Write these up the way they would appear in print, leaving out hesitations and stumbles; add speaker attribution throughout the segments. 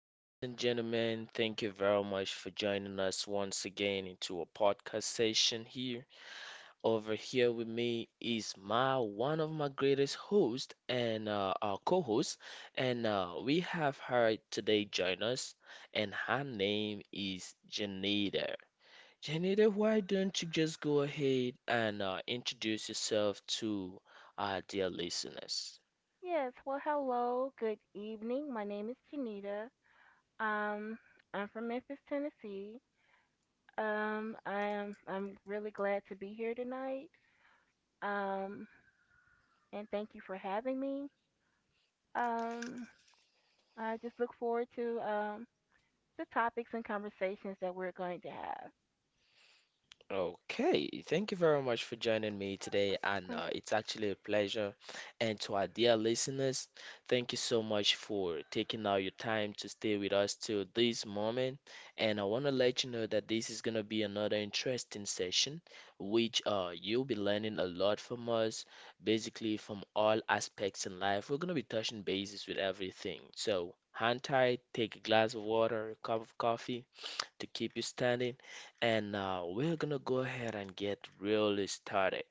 Speaker 1: ladies and gentlemen. Thank you very much for joining us once again into a podcast session here. Over here with me is my one of my greatest hosts and our co-host, and we have her today join us, and her name is Janita. Janita, why don't you just go ahead and introduce yourself to our dear listeners?
Speaker 2: Yes, well, hello, good evening. My name is Janita. Um, I'm from Memphis, Tennessee. I'm really glad to be here tonight. Um, and thank you for having me. Um, I just look forward to the topics and conversations that we're going to have.
Speaker 1: Okay, thank you very much for joining me today, and it's actually a pleasure. And to our dear listeners, thank you so much for taking out your time to stay with us till this moment. And I want to let you know that this is going to be another interesting session, which you'll be learning a lot from us, basically from all aspects in life. We're going to be touching bases with everything. So, hang tight, take a glass of water, a cup of coffee to keep you standing. And now we're gonna go ahead and get really started.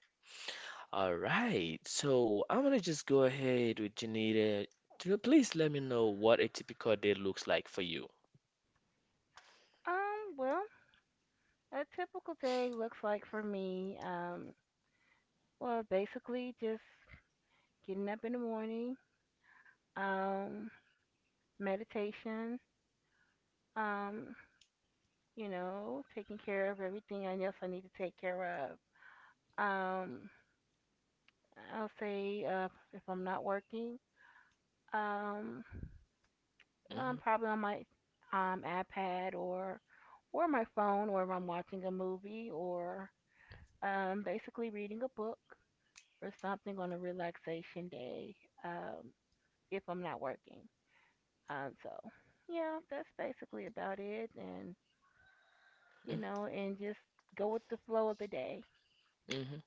Speaker 1: All right, so I'm gonna just go ahead with Janita. Janita, please let me know what a typical day looks like for you.
Speaker 2: Um, well, a typical day looks like for me. Basically just getting up in the morning. Um, Meditation. Um, you know, taking care of everything I guess I need to take care of. Um, I'll say if I'm not working, um,
Speaker 1: Mm-hmm,
Speaker 2: probably on my iPad or my phone, or if I'm watching a movie, or basically reading a book or something on a relaxation day. Um, if I'm not working. So yeah, that's basically about it. And you know, and just go with the flow of the day,
Speaker 1: mm-hmm, mm-hmm.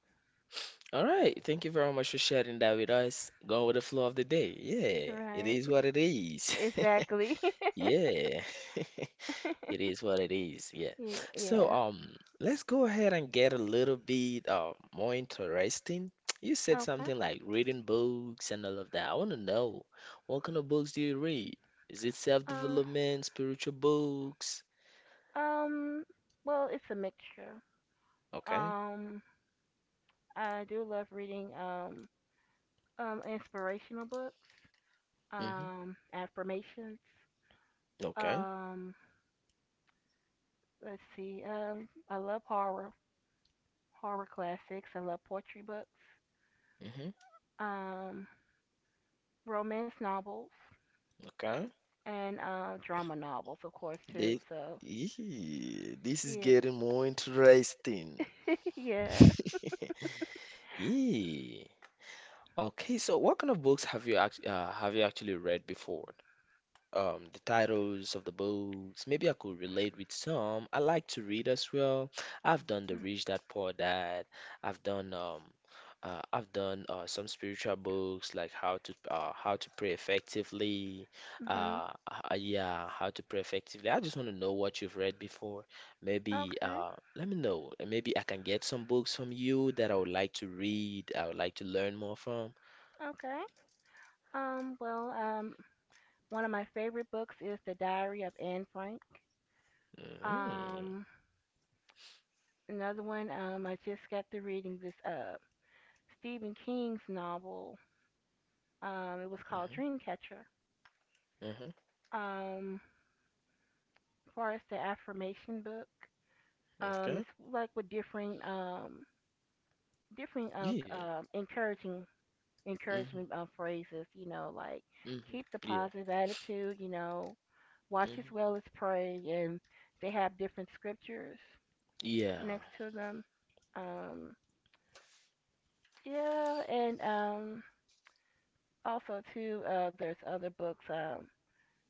Speaker 1: All right, thank you very much for sharing that with us. Going with the flow of the day. Yeah, it
Speaker 2: right?
Speaker 1: is what it is.
Speaker 2: Exactly.
Speaker 1: Yeah. It is what it is, yeah. So,
Speaker 2: Yeah.
Speaker 1: um, let's go ahead and get a little bit more interesting. You said
Speaker 2: Okay.
Speaker 1: something like reading books and all of that. I want to know what kind of books do you read? Is it
Speaker 2: Uh,
Speaker 1: self-development, spiritual books?
Speaker 2: um, it's a mixture.
Speaker 1: Okay.
Speaker 2: Um, I do love reading inspirational books,
Speaker 1: Mm-hmm.
Speaker 2: affirmations.
Speaker 1: Okay.
Speaker 2: Um, let's see. I love horror, horror classics. I love poetry books,
Speaker 1: Mm-hmm.
Speaker 2: um, romance novels,
Speaker 1: Okay.
Speaker 2: and drama novels, of course, too.
Speaker 1: This,
Speaker 2: So,
Speaker 1: Yee, this is
Speaker 2: yeah.
Speaker 1: getting more interesting.
Speaker 2: Yeah.
Speaker 1: Yeah. Okay, so what kind of books have you act have you actually read before? The titles of the books. Maybe I could relate with some. I like to read as well. I've done The Rich Dad Poor Dad. I've done um, I've done some spiritual books like how to pray effectively.
Speaker 2: Mhm.
Speaker 1: Yeah, how to pray effectively. I just want to know what you've read before. Maybe
Speaker 2: Okay.
Speaker 1: let me know, and maybe I can get some books from you that I would like to read. I would like to learn more from.
Speaker 2: Okay. Um, well, um, One of my favorite books is The Diary of Anne Frank.
Speaker 1: Mm-hmm.
Speaker 2: Um, Another one, I just got to reading this Stephen King's novel. It was called
Speaker 1: Mm-hmm.
Speaker 2: Dreamcatcher.
Speaker 1: Mm-hmm.
Speaker 2: Um, as far as the affirmation book,
Speaker 1: Okay.
Speaker 2: it's like with different different
Speaker 1: Yeah.
Speaker 2: encouraging
Speaker 1: Hmm.
Speaker 2: encouragement phrases. You know, like
Speaker 1: Mhm.
Speaker 2: keep the
Speaker 1: Yeah.
Speaker 2: positive attitude. You know, watch as
Speaker 1: Mhm.
Speaker 2: well as pray, and they have different scriptures
Speaker 1: Yeah.
Speaker 2: next to them. Um, yeah, and also too, there's other books.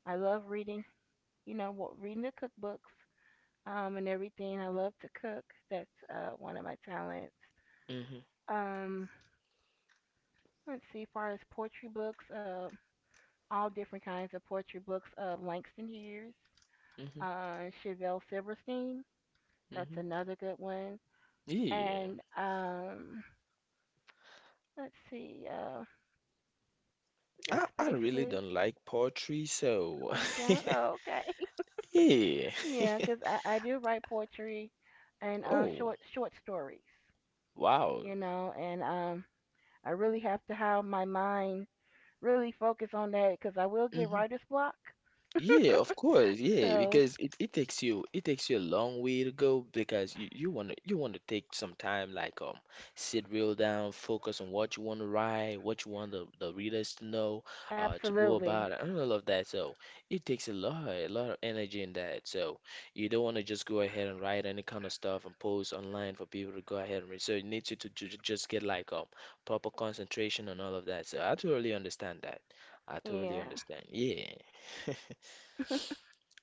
Speaker 2: I love reading. You know, reading the cookbooks and everything. I love to cook. That's one of my talents.
Speaker 1: Mhm.
Speaker 2: Um, let's see, far as poetry books, all different kinds of poetry books. Langston Hughes,
Speaker 1: Mhm.
Speaker 2: Chevelle Silverstein. That's
Speaker 1: Mhm.
Speaker 2: another good one.
Speaker 1: Yeah.
Speaker 2: And let's see.
Speaker 1: I
Speaker 2: That's
Speaker 1: I really
Speaker 2: basically.
Speaker 1: don't like poetry, so
Speaker 2: Are you down? Oh, okay.
Speaker 1: yeah.
Speaker 2: Yeah, 'cause I do write poetry and
Speaker 1: Oh,
Speaker 2: short stories,
Speaker 1: wow.
Speaker 2: you know, and I really have to have my mind really focus on that, cause I will get writer's block.
Speaker 1: Yeah, of course. Yeah,
Speaker 2: So
Speaker 1: because it takes you a long way to go because you wanna take some time like sit real down, focus on what you wanna write, what you want the readers to know, to go
Speaker 2: absolutely,
Speaker 1: about and all of that. So it takes a lot of energy in that. So you don't wanna just go ahead and write any kind of stuff and post online for people to go ahead and read. So it needs you to just get like proper concentration and all of that. So I totally understand that. I
Speaker 2: yeah,
Speaker 1: totally understand. Yeah.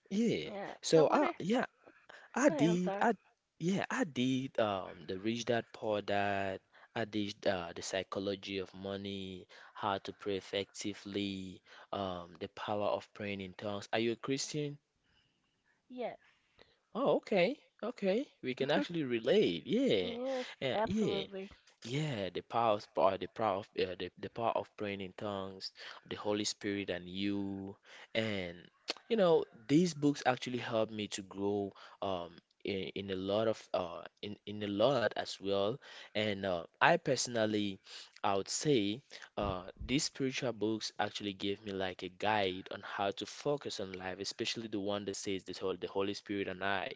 Speaker 1: Yeah.
Speaker 2: yeah. So
Speaker 1: So
Speaker 2: what?
Speaker 1: I
Speaker 2: Is,
Speaker 1: yeah, I
Speaker 2: go ahead. I'm
Speaker 1: did
Speaker 2: sorry.
Speaker 1: I yeah, I did the Rich Dad Poor Dad. I did the psychology of money, how to pray effectively, the power of praying in tongues. Are you a Christian?
Speaker 2: Yes,
Speaker 1: Oh, okay. Okay. We can actually relate. Yeah.
Speaker 2: yes,
Speaker 1: Yeah, yeah.
Speaker 2: absolutely.
Speaker 1: The power of the power of praying in tongues, the Holy Spirit and you. And you know, these books actually helped me to grow um in a lot as well. And I personally I would say these spiritual books actually gave me like a guide on how to focus on life, especially the one that says the Holy Spirit and I.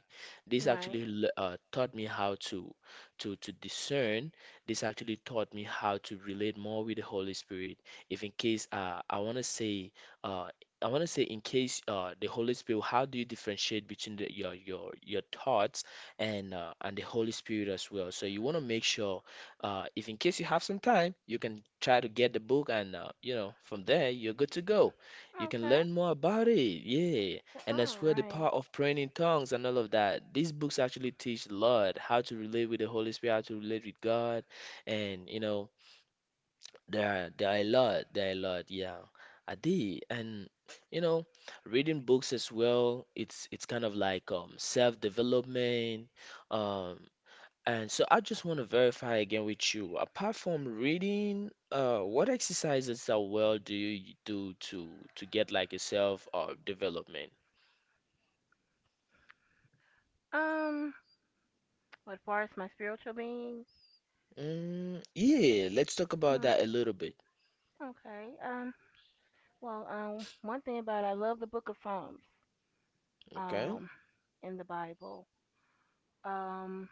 Speaker 1: This
Speaker 2: Right.
Speaker 1: actually taught me how to to discern. This actually taught me how to relate more with the Holy Spirit. If in case I want to say, uh, I want to say, in case how do you differentiate between your your thoughts and the Holy Spirit as well? So you want to make sure, if in case you have some time, you can try to get the book, and you know, from there you're good to go. You can
Speaker 2: Okay.
Speaker 1: learn more about it, yeah. And
Speaker 2: All
Speaker 1: that's where the
Speaker 2: right.
Speaker 1: power of praying in tongues and all of that. These books actually teach a lot how to relate with the Holy Spirit, how to relate with God, and you know there are a lot, yeah. I did, and you know reading books as well, it's kind of like self-development, um and so I just want to verify again with you, apart from reading, what exercises are well do you do to get like yourself or development.
Speaker 2: Um, as far as my spiritual being,
Speaker 1: Mm, yeah, let's talk about
Speaker 2: mm,
Speaker 1: that a little bit.
Speaker 2: okay. One thing about it, I love the Book of Psalms,
Speaker 1: Okay.
Speaker 2: um, in the Bible. Um,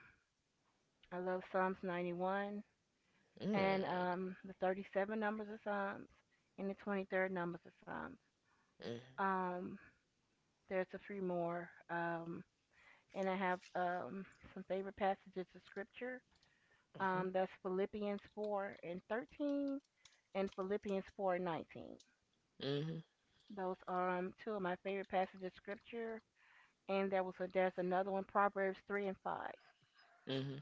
Speaker 2: I love Psalms 91 and
Speaker 1: Mm,
Speaker 2: the 37 numbers of Psalms and the 23rd numbers of Psalms.
Speaker 1: mm,
Speaker 2: Um, there's a few more. And I have some favorite passages of Scripture.
Speaker 1: mhm,
Speaker 2: That's Philippians 4:13 and Philippians 4:19.
Speaker 1: mhm,
Speaker 2: Those are two of my favorite passages of Scripture. And there's another one, Proverbs 3:5.
Speaker 1: mhm.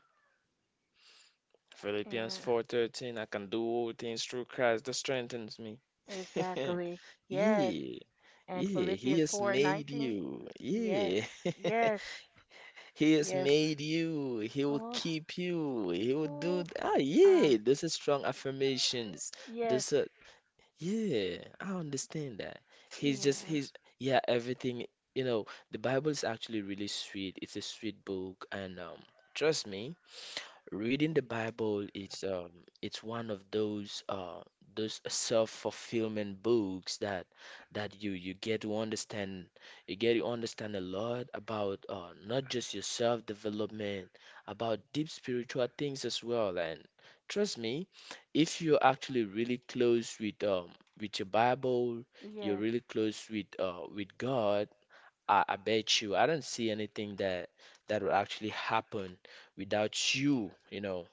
Speaker 1: Philippians
Speaker 2: And
Speaker 1: 4:13, I can do all things through Christ that strengthens me.
Speaker 2: exactly. Yes.
Speaker 1: Yeah.
Speaker 2: And
Speaker 1: Yeah, he
Speaker 2: Philippians
Speaker 1: has
Speaker 2: 4 and
Speaker 1: made
Speaker 2: 19.
Speaker 1: you.
Speaker 2: Yes.
Speaker 1: Yeah.
Speaker 2: Yes.
Speaker 1: He has
Speaker 2: Yes.
Speaker 1: made you. He will
Speaker 2: Oh,
Speaker 1: keep you. He will do
Speaker 2: oof. Um,
Speaker 1: yeah, those are strong affirmations.
Speaker 2: yes.
Speaker 1: Those are yeah, I understand that. He's just
Speaker 2: Yeah.
Speaker 1: he's yeah, everything. You know, the Bible is actually really sweet. It's a sweet book, and trust me, reading the Bible is it's one of those self-fulfillment books that you get to understand, you get to understand a lot about not just your self-development, about deep spiritual things as well. And trust me, if you're actually really close with your Bible, you're
Speaker 2: Yes.
Speaker 1: really close with God, I bet you, I don't see anything that that will actually happen without you, you know,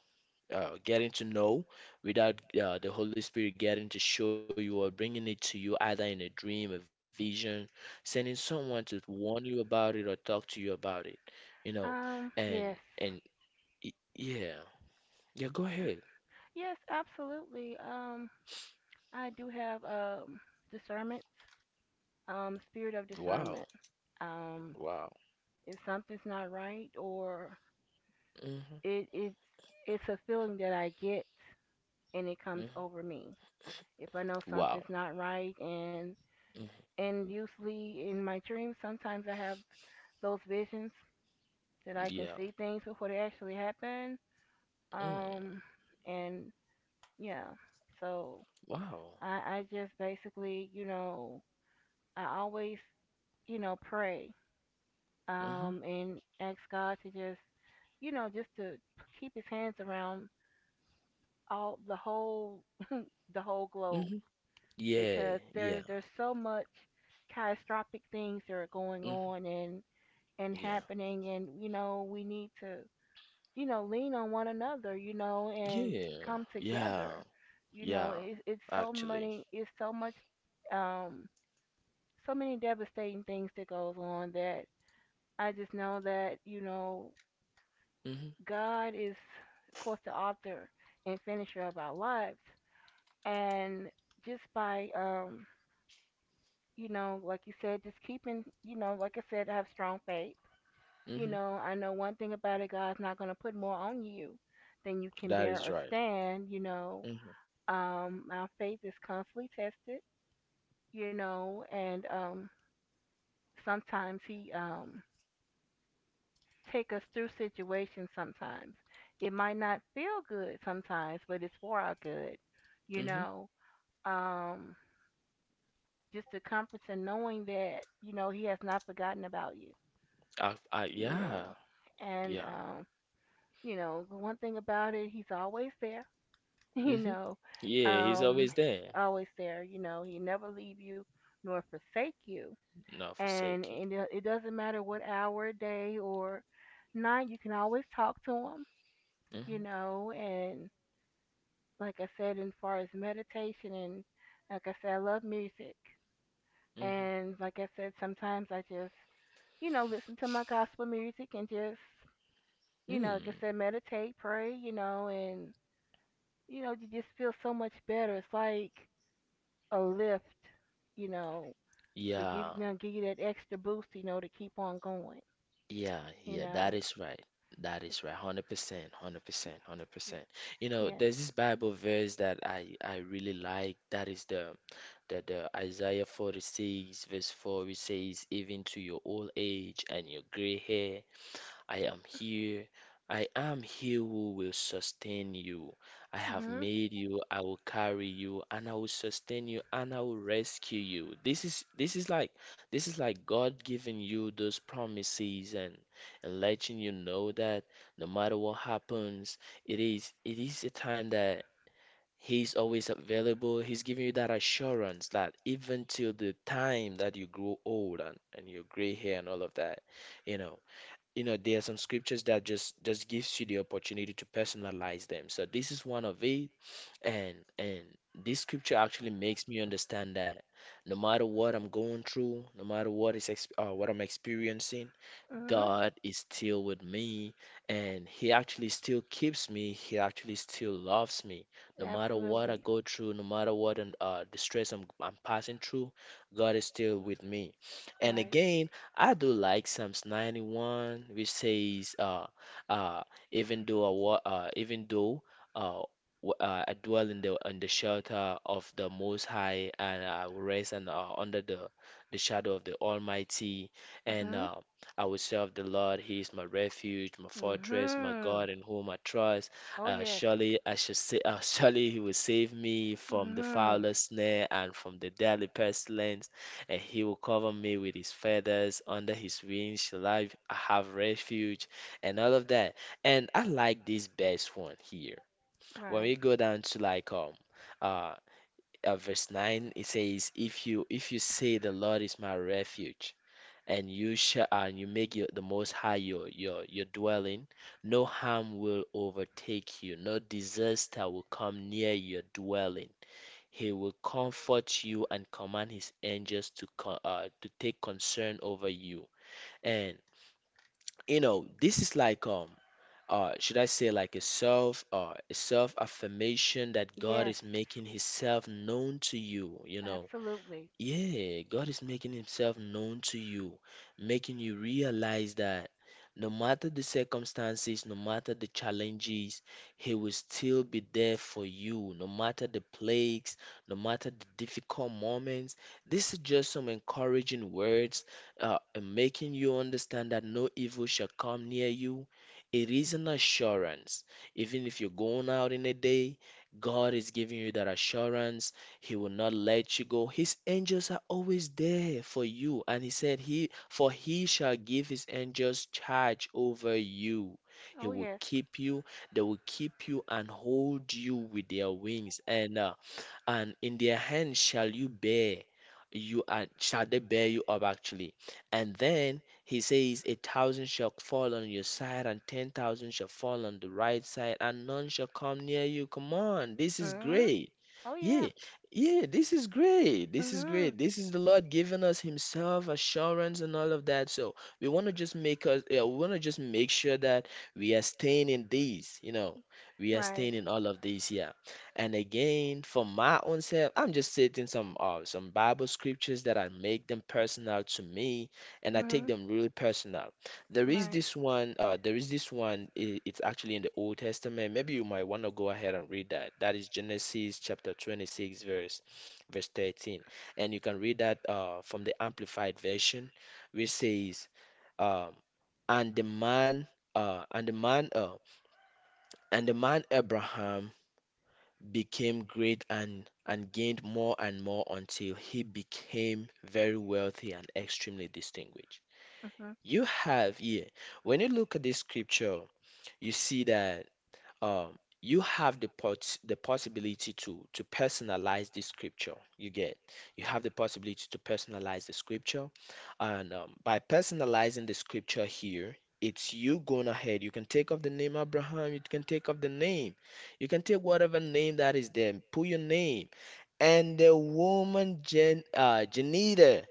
Speaker 1: getting to know, without the Holy Spirit getting to show you or bringing it to you, either in a dream, a vision, sending someone to warn you about it or talk to you about it, you know,
Speaker 2: Yes.
Speaker 1: and and yeah, yeah, go ahead.
Speaker 2: Yes, absolutely. I do have discernment, spirit of discernment.
Speaker 1: Wow,
Speaker 2: Um,
Speaker 1: wow,
Speaker 2: if something's not right or
Speaker 1: mm-hmm,
Speaker 2: it's it's a feeling that I get and it comes over
Speaker 1: hmm,
Speaker 2: me. If I know something's
Speaker 1: wow,
Speaker 2: not right and
Speaker 1: hmm,
Speaker 2: usually in my dreams sometimes I have those visions that I can see
Speaker 1: yeah,
Speaker 2: things before they actually happen. Um
Speaker 1: mm,
Speaker 2: and yeah. So
Speaker 1: wow,
Speaker 2: I just basically, you know, I always, you know, pray
Speaker 1: mm-hmm,
Speaker 2: and ask God to just, you know, just to keep his hands around all the whole the whole globe
Speaker 1: mm-hmm, yeah,
Speaker 2: because
Speaker 1: yeah,
Speaker 2: there's so much catastrophic things that are going
Speaker 1: mm-hmm,
Speaker 2: on and
Speaker 1: yeah.
Speaker 2: happening, and you know, we need to, you know, lean on one another, you know, and
Speaker 1: Yeah,
Speaker 2: come
Speaker 1: yeah,
Speaker 2: together. You know,
Speaker 1: yeah,
Speaker 2: it's so
Speaker 1: actually.
Speaker 2: many it's so much um so many devastating things that goes on that I just know that, you know,
Speaker 1: Mm-hmm,
Speaker 2: God is of course the author and finisher of our lives. And just by you know, like you said, just keeping, you know, like I said, have strong faith. You
Speaker 1: mm-hmm.
Speaker 2: know, I know one thing about it, God's not going to put more on you than you can
Speaker 1: That
Speaker 2: bear
Speaker 1: is
Speaker 2: or
Speaker 1: right.
Speaker 2: stand. You know,
Speaker 1: Mm-hmm,
Speaker 2: our faith is constantly tested. You know, and sometimes He take us through situations. Sometimes it might not feel good sometimes, but it's for our good. You
Speaker 1: mm-hmm.
Speaker 2: know, um, just the comfort in knowing that you know He has not forgotten about you you know.
Speaker 1: Yeah,
Speaker 2: And
Speaker 1: yeah.
Speaker 2: you know, the one thing about it, he's always there, you
Speaker 1: Mm-hmm.
Speaker 2: know.
Speaker 1: Yeah, he's
Speaker 2: Um,
Speaker 1: always there.
Speaker 2: Always there, you know. He never leave you nor forsake you.
Speaker 1: Not
Speaker 2: And
Speaker 1: forsake you.
Speaker 2: and it, it doesn't matter what hour, day or night, you can always talk to him, you
Speaker 1: Mm-hmm,
Speaker 2: know, and like I said, as far as meditation and like I said, I love music.
Speaker 1: mm-hmm.
Speaker 2: And like I said, sometimes I just, you know, listen to my gospel music and just you know, like I
Speaker 1: Hmm.
Speaker 2: said, meditate, pray, you know, and you know, you just feel so much better. It's like a lift, you know, to give you
Speaker 1: Yeah,
Speaker 2: know, give you that extra boost, you know, to keep on going,
Speaker 1: yeah,
Speaker 2: you
Speaker 1: yeah. That
Speaker 2: know.
Speaker 1: is right. That is right. 100%, 100%, 100%. You know,
Speaker 2: Yeah.
Speaker 1: there's this Bible verse that I really like. That is the That Isaiah 46, verse 4, it says, even to your old age and your gray hair, I am here. I am he who will sustain you. I have
Speaker 2: Mhm.
Speaker 1: made you, I will carry you, and I will sustain you, and I will rescue you. This is like, this is like God giving you those promises and letting you know that no matter what happens, it is a time that He's always available. He's giving you that assurance that even till the time that you grow old and your gray hair and all of that, you know, you know, there are some scriptures that just gives you the opportunity to personalize them. So this is one of it, and this scripture actually makes me understand that no matter what I'm going through, no matter what is exp what I'm experiencing,
Speaker 2: Mhm.
Speaker 1: God is still with me, and He actually still keeps me. He actually still loves me. No matter what I
Speaker 2: Absolutely.
Speaker 1: go through, no matter what the stress I'm passing through, God is still with me. And
Speaker 2: Right.
Speaker 1: again, I do like Psalms 91, which says, uh, even though I wa even though uh, I dwell in the shelter of the Most High, and I will rest and under the shadow of the Almighty. And
Speaker 2: Mhm.
Speaker 1: I will serve the Lord. He is my refuge, my fortress, my
Speaker 2: Mhm.
Speaker 1: God in whom I trust.
Speaker 2: Oh yes.
Speaker 1: Surely I shall say, surely he will save me from the
Speaker 2: Mhm.
Speaker 1: fowler's snare and from the deadly pestilence, and he will cover me with his feathers. Under his wings shall I have refuge, and all of that. And I like this best one here. When
Speaker 2: Right.
Speaker 1: we go down to like uh, verse 9, it says, if you say the Lord is my refuge and you shall and you make your, the Most High your your dwelling, no harm will overtake you, no disaster will come near your dwelling. He will comfort you and command his angels to to take concern over you. And you know, this is like should I say like a self affirmation that God
Speaker 2: Yes.
Speaker 1: is making himself known to you, you know.
Speaker 2: Absolutely.
Speaker 1: Yeah, God is making himself known to you, making you realize that no matter the circumstances, no matter the challenges, he will still be there for you, no matter the plagues, no matter the difficult moments. This is just some encouraging words, and making you understand that no evil shall come near you. It is an assurance. Even if you're going out in a day, God is giving you that assurance he will not let you go. His angels are always there for you. And he said, He for he shall give his angels charge over you. He
Speaker 2: Oh
Speaker 1: will
Speaker 2: yes.
Speaker 1: keep you, they will keep you and hold you with their wings. And in their hand shall you bear you are shall they bear you up actually. And then he says a thousand shall fall on your side and 10,000 shall fall on the right side and none shall come near you. Come on, this is
Speaker 2: Mhm.
Speaker 1: great.
Speaker 2: Oh yeah.
Speaker 1: Yeah, yeah, this is great. This is
Speaker 2: Mhm.
Speaker 1: great. This is the Lord giving us himself assurance and all of that. So we want to just we want to just make sure that we are staying in these, you know, we are
Speaker 2: Right.
Speaker 1: staying in all of these here. And again, for my own self, I'm just taking some Bible scriptures that I make them personal to me, and I take
Speaker 2: Mhm.
Speaker 1: them really personal. There is
Speaker 2: Right.
Speaker 1: this one, there is this one. It's actually in the Old Testament. Maybe you might want to go ahead and read that. That is Genesis chapter 26, verse 13, and you can read that from the Amplified version, which says, um, "And the uh, and the man, uh, man Abraham became great and gained more and more until he became very wealthy and extremely distinguished."
Speaker 2: Mhm.
Speaker 1: You have here, when you look at this scripture, you see that, um, you have the possibility to personalize the scripture. You get you have the possibility to personalize the scripture. And by personalizing the scripture here, it's you going ahead. You can take off the name Abraham. You can take off the name, you can take whatever name that is there, put your name. And the woman Janita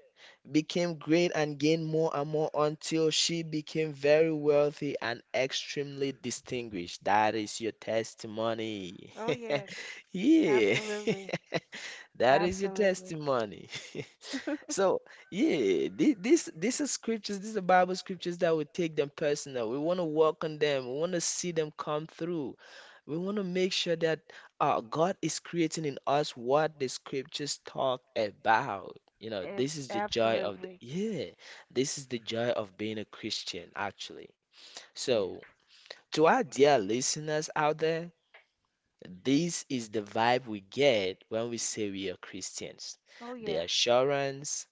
Speaker 1: became great and gained more and more until she became very wealthy and extremely distinguished. That is your testimony.
Speaker 2: Oh yes.
Speaker 1: Yeah,
Speaker 2: Absolutely.
Speaker 1: that is your
Speaker 2: Absolutely.
Speaker 1: testimony. So yeah, thi- this these are scriptures, these are Bible scriptures that we take them personal. We want to work on them. We want to see them come through. We want to make sure that God is creating in us what the scriptures talk about. You know, this is the joy of the,
Speaker 2: Absolutely.
Speaker 1: yeah, this is the joy of being a Christian, actually.
Speaker 2: Yes.
Speaker 1: So, to our dear listeners out there, this is the vibe we get when we say we are Christians.
Speaker 2: Oh
Speaker 1: The
Speaker 2: yeah.
Speaker 1: assurance,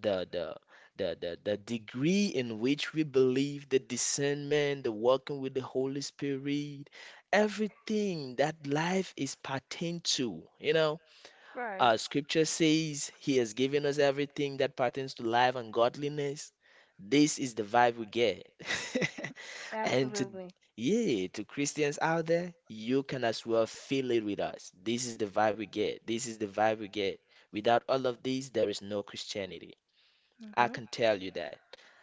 Speaker 1: the the the degree in which we believe, the discernment, the working with the Holy Spirit, everything that life is pertain to, you know.
Speaker 2: Right.
Speaker 1: Scripture says he has given us everything that pertains to life and godliness. This is the vibe we get. And to
Speaker 2: Absolutely.
Speaker 1: yeah, to Christians out there, you can as well feel it with us. This is the vibe we get. This is the vibe we get. Without all of these, there is no Christianity. I
Speaker 2: Mhm.
Speaker 1: can tell you that.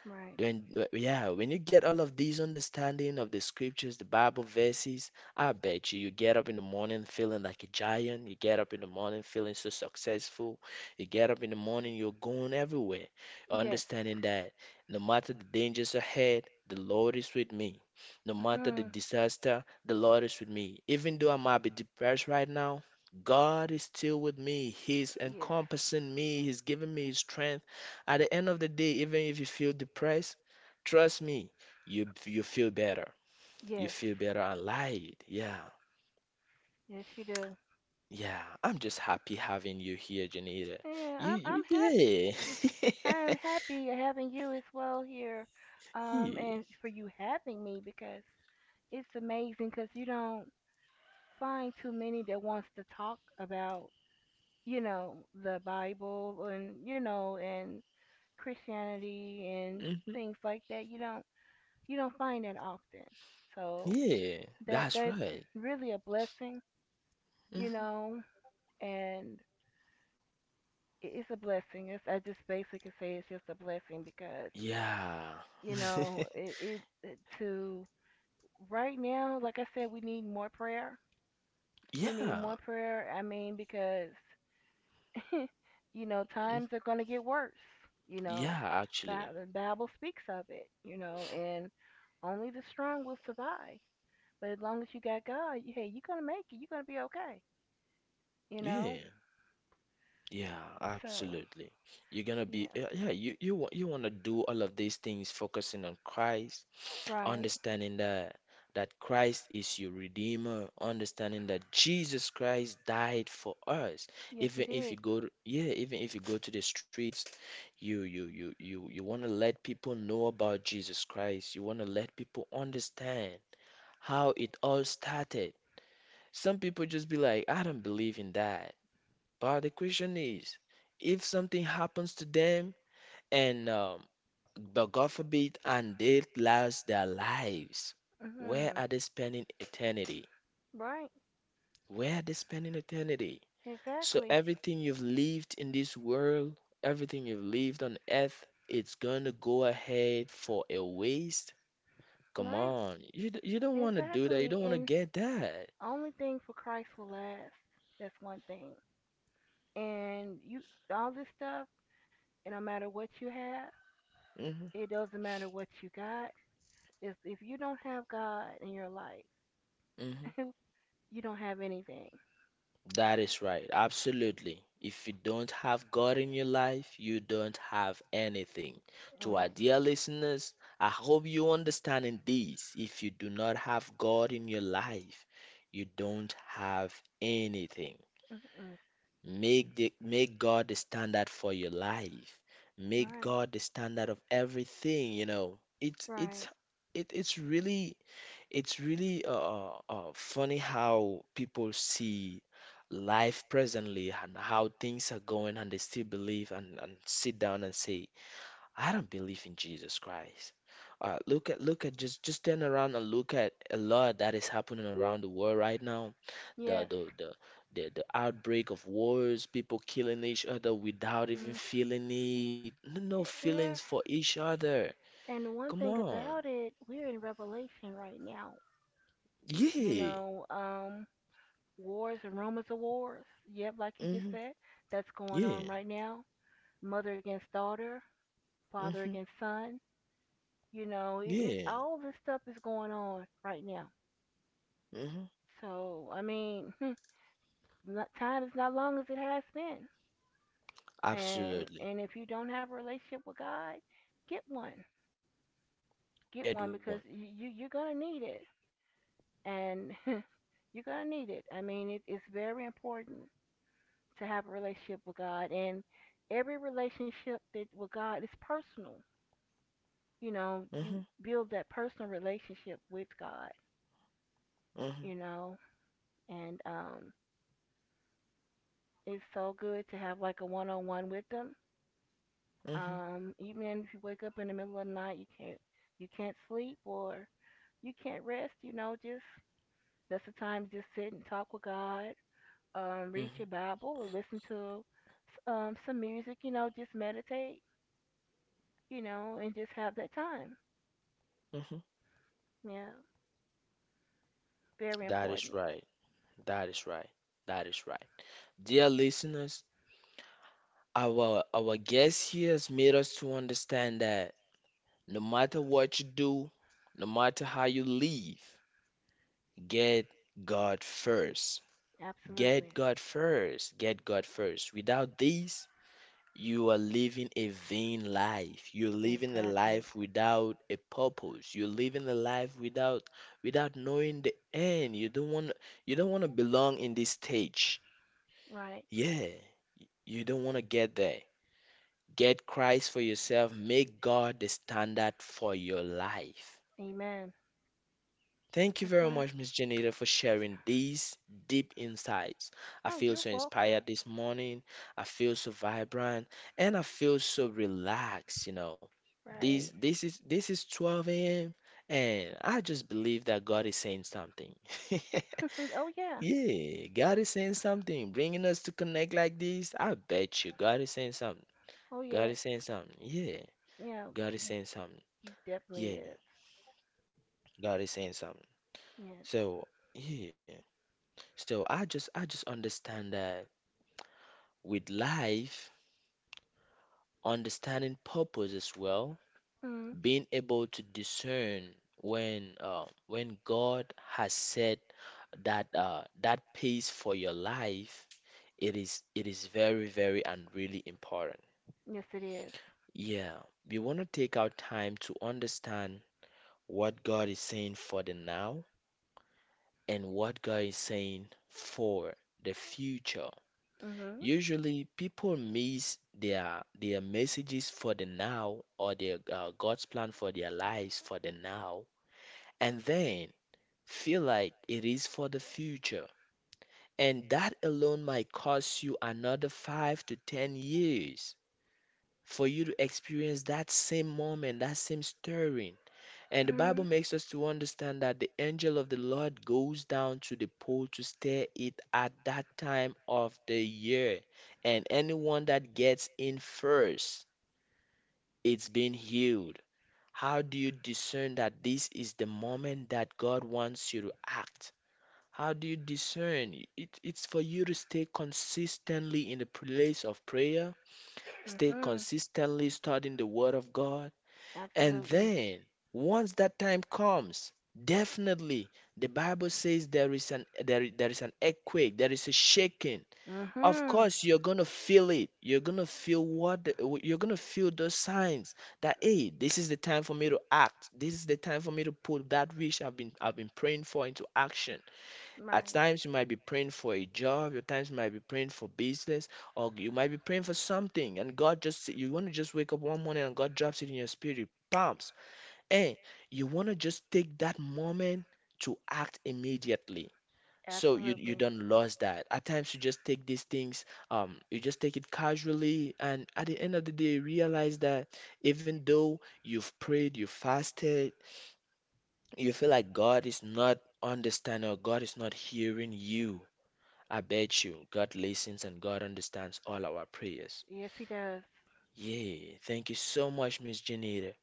Speaker 2: Right.
Speaker 1: When, yeah, when you get all of these understanding of the scriptures, the Bible verses, I bet you you get up in the morning feeling like a giant. You get up in the morning feeling so successful. You get up in the morning, you're going everywhere,
Speaker 2: Yes.
Speaker 1: understanding that no matter the dangers ahead, the Lord is with me. No matter the
Speaker 2: Mhm.
Speaker 1: disaster, the Lord is with me. Even though I might be depressed right now, God is still with me. He's
Speaker 2: Yes.
Speaker 1: encompassing me. He's giving me his strength. At the end of the day, even if you feel depressed, trust me, you feel better. You
Speaker 2: Yes.
Speaker 1: feel better. I lied. Yeah.
Speaker 2: Yes, you do.
Speaker 1: Yeah. I'm just happy having you here, Janita. You
Speaker 2: I'm happy.
Speaker 1: you
Speaker 2: I am
Speaker 1: yeah.
Speaker 2: happy having you as well here. And
Speaker 1: Yeah.
Speaker 2: for you having me because it's amazing cuz you don't find too many that wants to talk about, you know, the Bible and you know and Christianity and
Speaker 1: Hmm.
Speaker 2: things like that. You don't find that often. So
Speaker 1: Yeah. That's
Speaker 2: that's
Speaker 1: right.
Speaker 2: really a blessing, you
Speaker 1: Hmm.
Speaker 2: know, and it's a blessing. It's I just basically say it's just a blessing because
Speaker 1: Yeah.
Speaker 2: you know it to right now, like I said, we need more prayer. We need more
Speaker 1: Yeah.
Speaker 2: prayer. I mean because you know
Speaker 1: Mm.
Speaker 2: times are gonna get worse. You know,
Speaker 1: Yeah, actually.
Speaker 2: The Bible speaks of it. You know, and only the strong will survive. But as long as you got God, hey, you're gonna make it. You're gonna be okay. You know.
Speaker 1: Yeah. Yeah,
Speaker 2: So
Speaker 1: absolutely. You're gonna
Speaker 2: yeah,
Speaker 1: be yeah, yeah, you want, you want to do all of these things focusing on Christ,
Speaker 2: right.
Speaker 1: understanding that Christ is your redeemer, understanding that Jesus Christ died for us.
Speaker 2: Yes, he
Speaker 1: Even if you
Speaker 2: did.
Speaker 1: go to, yeah, even if you go to the streets, you want to let people know about Jesus Christ. You want to let people understand how it all started. Some people just be like, I don't believe in that. But the question is, if something happens to them and but God forbid, and they lost their lives.
Speaker 2: Mm
Speaker 1: Where
Speaker 2: hmm
Speaker 1: are they spending eternity?
Speaker 2: Right.
Speaker 1: Where are they spending eternity? So
Speaker 2: Exactly.
Speaker 1: everything you've lived in this world, everything you've lived on earth, it's gonna go ahead for a waste. Come
Speaker 2: Right.
Speaker 1: on, you don't want to do that. You
Speaker 2: Exactly.
Speaker 1: don't want to
Speaker 2: And
Speaker 1: get that.
Speaker 2: only thing for Christ will last. That's one thing. And you, all this stuff. It don't matter what you have.
Speaker 1: Hmm.
Speaker 2: It doesn't matter what you got. If you don't have God in your life,
Speaker 1: Hmm.
Speaker 2: you don't have anything.
Speaker 1: That is right. Absolutely. If you don't have God in your life, you don't have anything. To our
Speaker 2: Right.
Speaker 1: dear listeners, I hope you understand in this. If you do not have God in your life, you don't have anything.
Speaker 2: Mm-mm.
Speaker 1: Make God the standard for your life. Make
Speaker 2: Right.
Speaker 1: God the standard of everything, you know. It's it's
Speaker 2: Right.
Speaker 1: it, it's really, it's really funny how people see life presently and how things are going, and they still believe and sit down and say, "I don't believe in Jesus Christ." Look at look at just turn around and look at a lot that is happening around the world right now. The
Speaker 2: Yes.
Speaker 1: the the the outbreak of wars, people killing each other without even
Speaker 2: Mm.
Speaker 1: feeling it. No, no
Speaker 2: Eh, yeah.
Speaker 1: feelings for each other.
Speaker 2: And one
Speaker 1: Come
Speaker 2: thing
Speaker 1: on,
Speaker 2: about it, we're in Revelation right now. You
Speaker 1: yeah.
Speaker 2: know, wars and rumors of wars. Yep, like you just
Speaker 1: Hmm.
Speaker 2: said, that's going
Speaker 1: Yeah.
Speaker 2: on right now. Mother against daughter, father
Speaker 1: Mm-hmm.
Speaker 2: against son. You know, it's
Speaker 1: Yeah.
Speaker 2: all this stuff is going on right now.
Speaker 1: Mm-hmm.
Speaker 2: So I mean, time is not long as it has been. And
Speaker 1: Absolutely.
Speaker 2: if you don't have a relationship with God, get one.
Speaker 1: Get
Speaker 2: Get
Speaker 1: one.
Speaker 2: one because you're gonna need it. And you're gonna need it. I mean, it's very important to have a relationship with God, and every relationship that with God is personal. You know,
Speaker 1: Mm-hmm.
Speaker 2: you build that personal relationship with God.
Speaker 1: Mm-hmm.
Speaker 2: You know, and it's so good to have like a one-on-one with them.
Speaker 1: Mm-hmm.
Speaker 2: Even if you wake up in the middle of the night, you can't sleep or you can't rest. You know, just that's the time to just sit and talk with God,
Speaker 1: Mm-hmm.
Speaker 2: read your Bible or listen to some music, you know, just meditate, you know, and just have that time.
Speaker 1: Mm-hmm.
Speaker 2: Yeah, very
Speaker 1: That is
Speaker 2: important.
Speaker 1: right. That is right. That is right. Dear listeners, our guest here has made us to understand that no matter what you do, no matter how you live, get God first. Get
Speaker 2: Absolutely.
Speaker 1: God first. Get God first. Without this, you are living a vain life. You're living a
Speaker 2: Exactly.
Speaker 1: life without a purpose. You're living a life without, without knowing the end. You don't want to belong in this stage.
Speaker 2: Right.
Speaker 1: Yeah, you don't want to get there. Get Christ for yourself. Make God the standard for your life.
Speaker 2: Amen.
Speaker 1: Thank you
Speaker 2: That's
Speaker 1: very
Speaker 2: right.
Speaker 1: much, Miss Janita, for sharing these deep insights. I
Speaker 2: Oh,
Speaker 1: feel
Speaker 2: you're
Speaker 1: so
Speaker 2: welcome.
Speaker 1: inspired this morning. I feel so vibrant and I feel so relaxed, you know. This
Speaker 2: Right.
Speaker 1: this is this is 12 a.m. and I just believe that God is saying something.
Speaker 2: Oh, yeah.
Speaker 1: Yeah, God is saying something, bringing us to connect like this. I bet you God is saying something.
Speaker 2: Oh, yes.
Speaker 1: God is saying something. Yeah,
Speaker 2: Yeah,
Speaker 1: God is saying something.
Speaker 2: you definitely
Speaker 1: Yeah,
Speaker 2: is.
Speaker 1: God is saying something.
Speaker 2: Yes.
Speaker 1: So, yeah. So I just understand that with life, understanding purpose as well,
Speaker 2: Mm.
Speaker 1: being able to discern when God has set that pace for your life, it is very very and really important.
Speaker 2: Yes, it is.
Speaker 1: Yeah, we want to take our time to understand what God is saying for the now and what God is saying for the future.
Speaker 2: Mm-hmm.
Speaker 1: Usually, people miss their messages for the now or their God's plan for their lives for the now, and then feel like it is for the future. And that alone might cost you another 5 to 10 years for you to experience that same moment, that same stirring. And the
Speaker 2: Mm-hmm.
Speaker 1: Bible makes us to understand that the angel of the Lord goes down to the pool to stir it at that time of the year. And anyone that gets in first, it's been healed. How do you discern that this is the moment that God wants you to act? How do you discern? It's for you to stay consistently in the place of prayer, stay
Speaker 2: Mm-hmm.
Speaker 1: consistently studying the Word of God, and
Speaker 2: Absolutely.
Speaker 1: then, once that time comes, definitely the Bible says there is an earthquake, there is a shaking. Of
Speaker 2: Mm-hmm.
Speaker 1: course, you're gonna feel it. You're gonna feel you're gonna feel those signs that hey, this is the time for me to act. This is the time for me to put that which I've been praying for into action. At
Speaker 2: Right.
Speaker 1: times you might be praying for a job, your times you might be praying for business, or you might be praying for something, and God just you want to just wake up one morning and God drops it in your spirit. Bam, and you want to just take that moment to act immediately so you
Speaker 2: Absolutely.
Speaker 1: don't lose that. At times you just take these things you just take it casually, and at the end of the day you realize that even though you've prayed, you fasted, you feel like God is not understanding or God is not hearing you. I bet you God listens and God understands all our prayers.
Speaker 2: Yes, he does.
Speaker 1: Yeah, thank you so much, Miss Janita.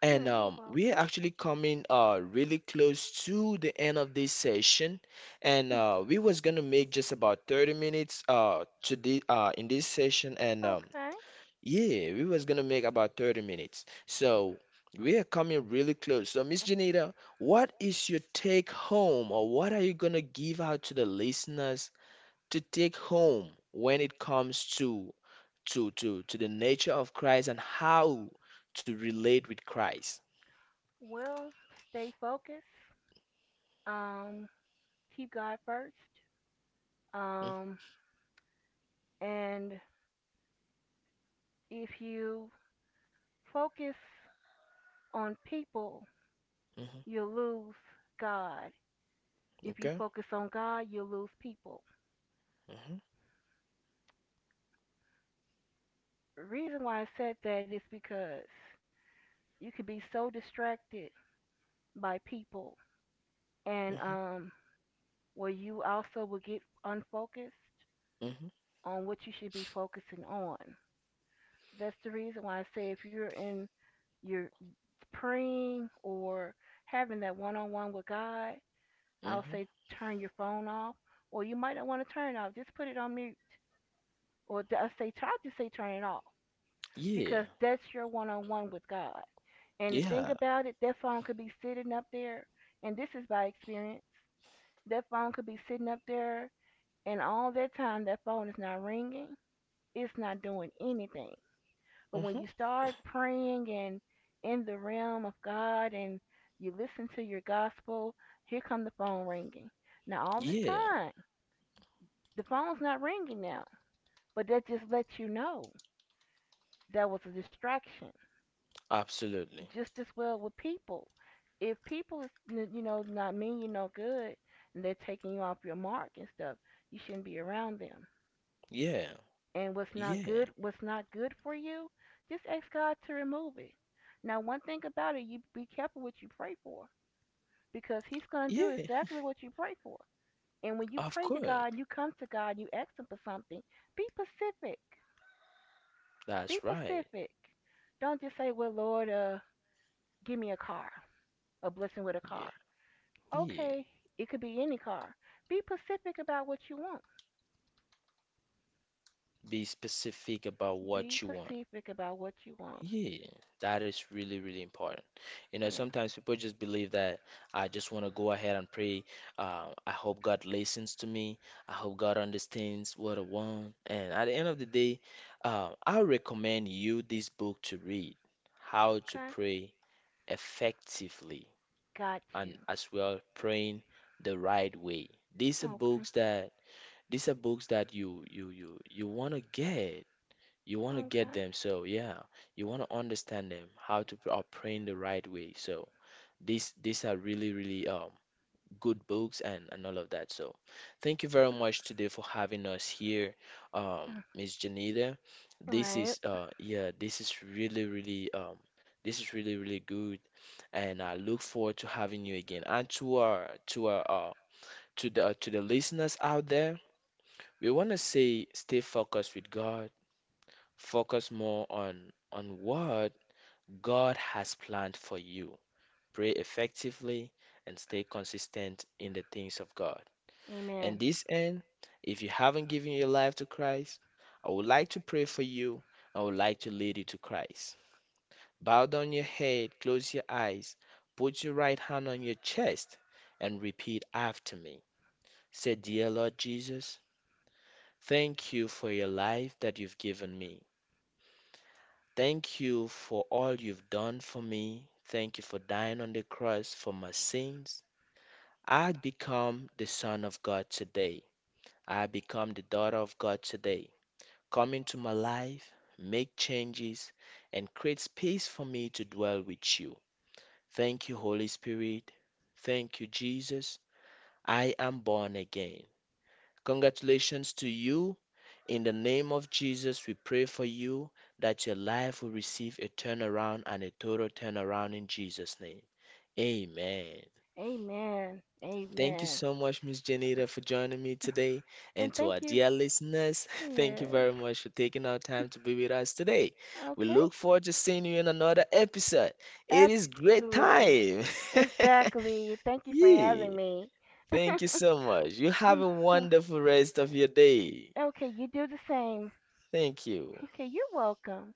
Speaker 1: And
Speaker 2: Hmm, you're
Speaker 1: We are
Speaker 2: welcome.
Speaker 1: actually coming really close to the end of this session, and we was gonna make just about 30 minutes to the in this session, and
Speaker 2: Okay.
Speaker 1: yeah, we was gonna make about 30 minutes. So we are coming really close. So Miss Janita, what is your take home, or what are you gonna give out to the listeners to take home when it comes to the nature of Christ and how to relate with Christ?
Speaker 2: Well, stay focused. Um, Keep God first.
Speaker 1: Hmm.
Speaker 2: Um, and if you focus on people,
Speaker 1: Mm-hmm.
Speaker 2: you'll lose God. If you
Speaker 1: Okay.
Speaker 2: focus on God, you'll lose people.
Speaker 1: Mm-hmm.
Speaker 2: The reason why I said that is because you could be so distracted by people and
Speaker 1: Mm-hmm.
Speaker 2: where you also will get unfocused
Speaker 1: Mm-hmm.
Speaker 2: on what you should be focusing on. That's the reason why I say if you're praying or having that one on one with God, I'll
Speaker 1: Mm-hmm.
Speaker 2: say turn your phone off. Or you might not want to turn it off. Just put it on mute. Or I say try to say turn it off.
Speaker 1: Yeah.
Speaker 2: Because that's your one on one with God. And the thing
Speaker 1: Yeah.
Speaker 2: about it, that phone could be sitting up there and this is by experience. That phone could be sitting up there and all that time that phone is not ringing. It's not doing anything. But when
Speaker 1: Mm-hmm.
Speaker 2: you start praying and in the realm of God and you listen to your gospel, here come the phone ringing. Now, all this
Speaker 1: Yeah.
Speaker 2: time, the phone's not ringing now, but that just lets you know that was a distraction.
Speaker 1: Absolutely.
Speaker 2: Just as well with people. If people is, you know, not mean you no good and they're taking you off your mark and stuff, you shouldn't be around them.
Speaker 1: Yeah.
Speaker 2: And what's not
Speaker 1: Yeah.
Speaker 2: good for you, just ask God to remove it. Now one thing about it, you be careful what you pray for because he's gonna do
Speaker 1: Yeah.
Speaker 2: exactly what you pray for. And when you
Speaker 1: Of
Speaker 2: pray to
Speaker 1: course.
Speaker 2: God you come to God and you ask him for something, be pacific. Be
Speaker 1: That's right.
Speaker 2: pacific. Don't just say, well Lord, give me a car, a blessing with a
Speaker 1: Yeah.
Speaker 2: car.
Speaker 1: Yeah.
Speaker 2: Okay, it could be any car. Be pacific about what you want.
Speaker 1: Be specific about
Speaker 2: Be
Speaker 1: what you want.
Speaker 2: pacific about what you want.
Speaker 1: Yeah, that is really, really important. You know,
Speaker 2: Yeah.
Speaker 1: sometimes people just believe that I just want to go ahead and pray. I hope God listens to me. I hope God understands what I want. And at the end of the day, I recommend you this book to read, How to
Speaker 2: Okay.
Speaker 1: Pray Effectively,
Speaker 2: Got you.
Speaker 1: and as well praying the right way. These are
Speaker 2: Okay.
Speaker 1: books that you want to get you want to get
Speaker 2: Okay.
Speaker 1: them, so yeah, you want to understand them how to pray in the right way. So these are really, really good books and all of that. So thank you very much today for having us here, um Miss Janita.
Speaker 2: All
Speaker 1: This
Speaker 2: right.
Speaker 1: is yeah, this is really, really this is really, really good, and I look forward to having you again, and to our to our to the listeners out there, we want to say stay focused with God. Focus more on what God has planned for you. Pray effectively and stay consistent in the things of God.
Speaker 2: Amen.
Speaker 1: And this end, if you haven't given your life to Christ, I would like to pray for you. I would like to lead you to Christ. Bow down your head, close your eyes, put your right hand on your chest, and repeat after me. Say, "Dear Lord Jesus, thank you for your life that you've given me. Thank you for all you've done for me. Thank you for dying on the cross for my sins. I become the Son of God today. I become the daughter of God today. Come into my life, make changes, and create space for me to dwell with you. Thank you, Holy Spirit. Thank you, Jesus. I am born again." Congratulations to you. In the name of Jesus, we pray for you that your life will receive a turnaround, and a total turnaround in Jesus' name. Amen.
Speaker 2: Amen.
Speaker 1: Thank you
Speaker 2: Amen.
Speaker 1: so much, Miss Janita, for joining me today.
Speaker 2: And
Speaker 1: And to our
Speaker 2: thank you.
Speaker 1: dear listeners, thank you
Speaker 2: Yes.
Speaker 1: very much for taking our time to be with us today. We
Speaker 2: Okay.
Speaker 1: look forward to seeing you in another episode. It is great
Speaker 2: Absolutely.
Speaker 1: time.
Speaker 2: Exactly. Thank you for
Speaker 1: yeah.
Speaker 2: having me.
Speaker 1: Thank you so much. You have a
Speaker 2: Mhm.
Speaker 1: wonderful rest of your day.
Speaker 2: Okay, you do the same.
Speaker 1: Thank you.
Speaker 2: Okay, you're welcome.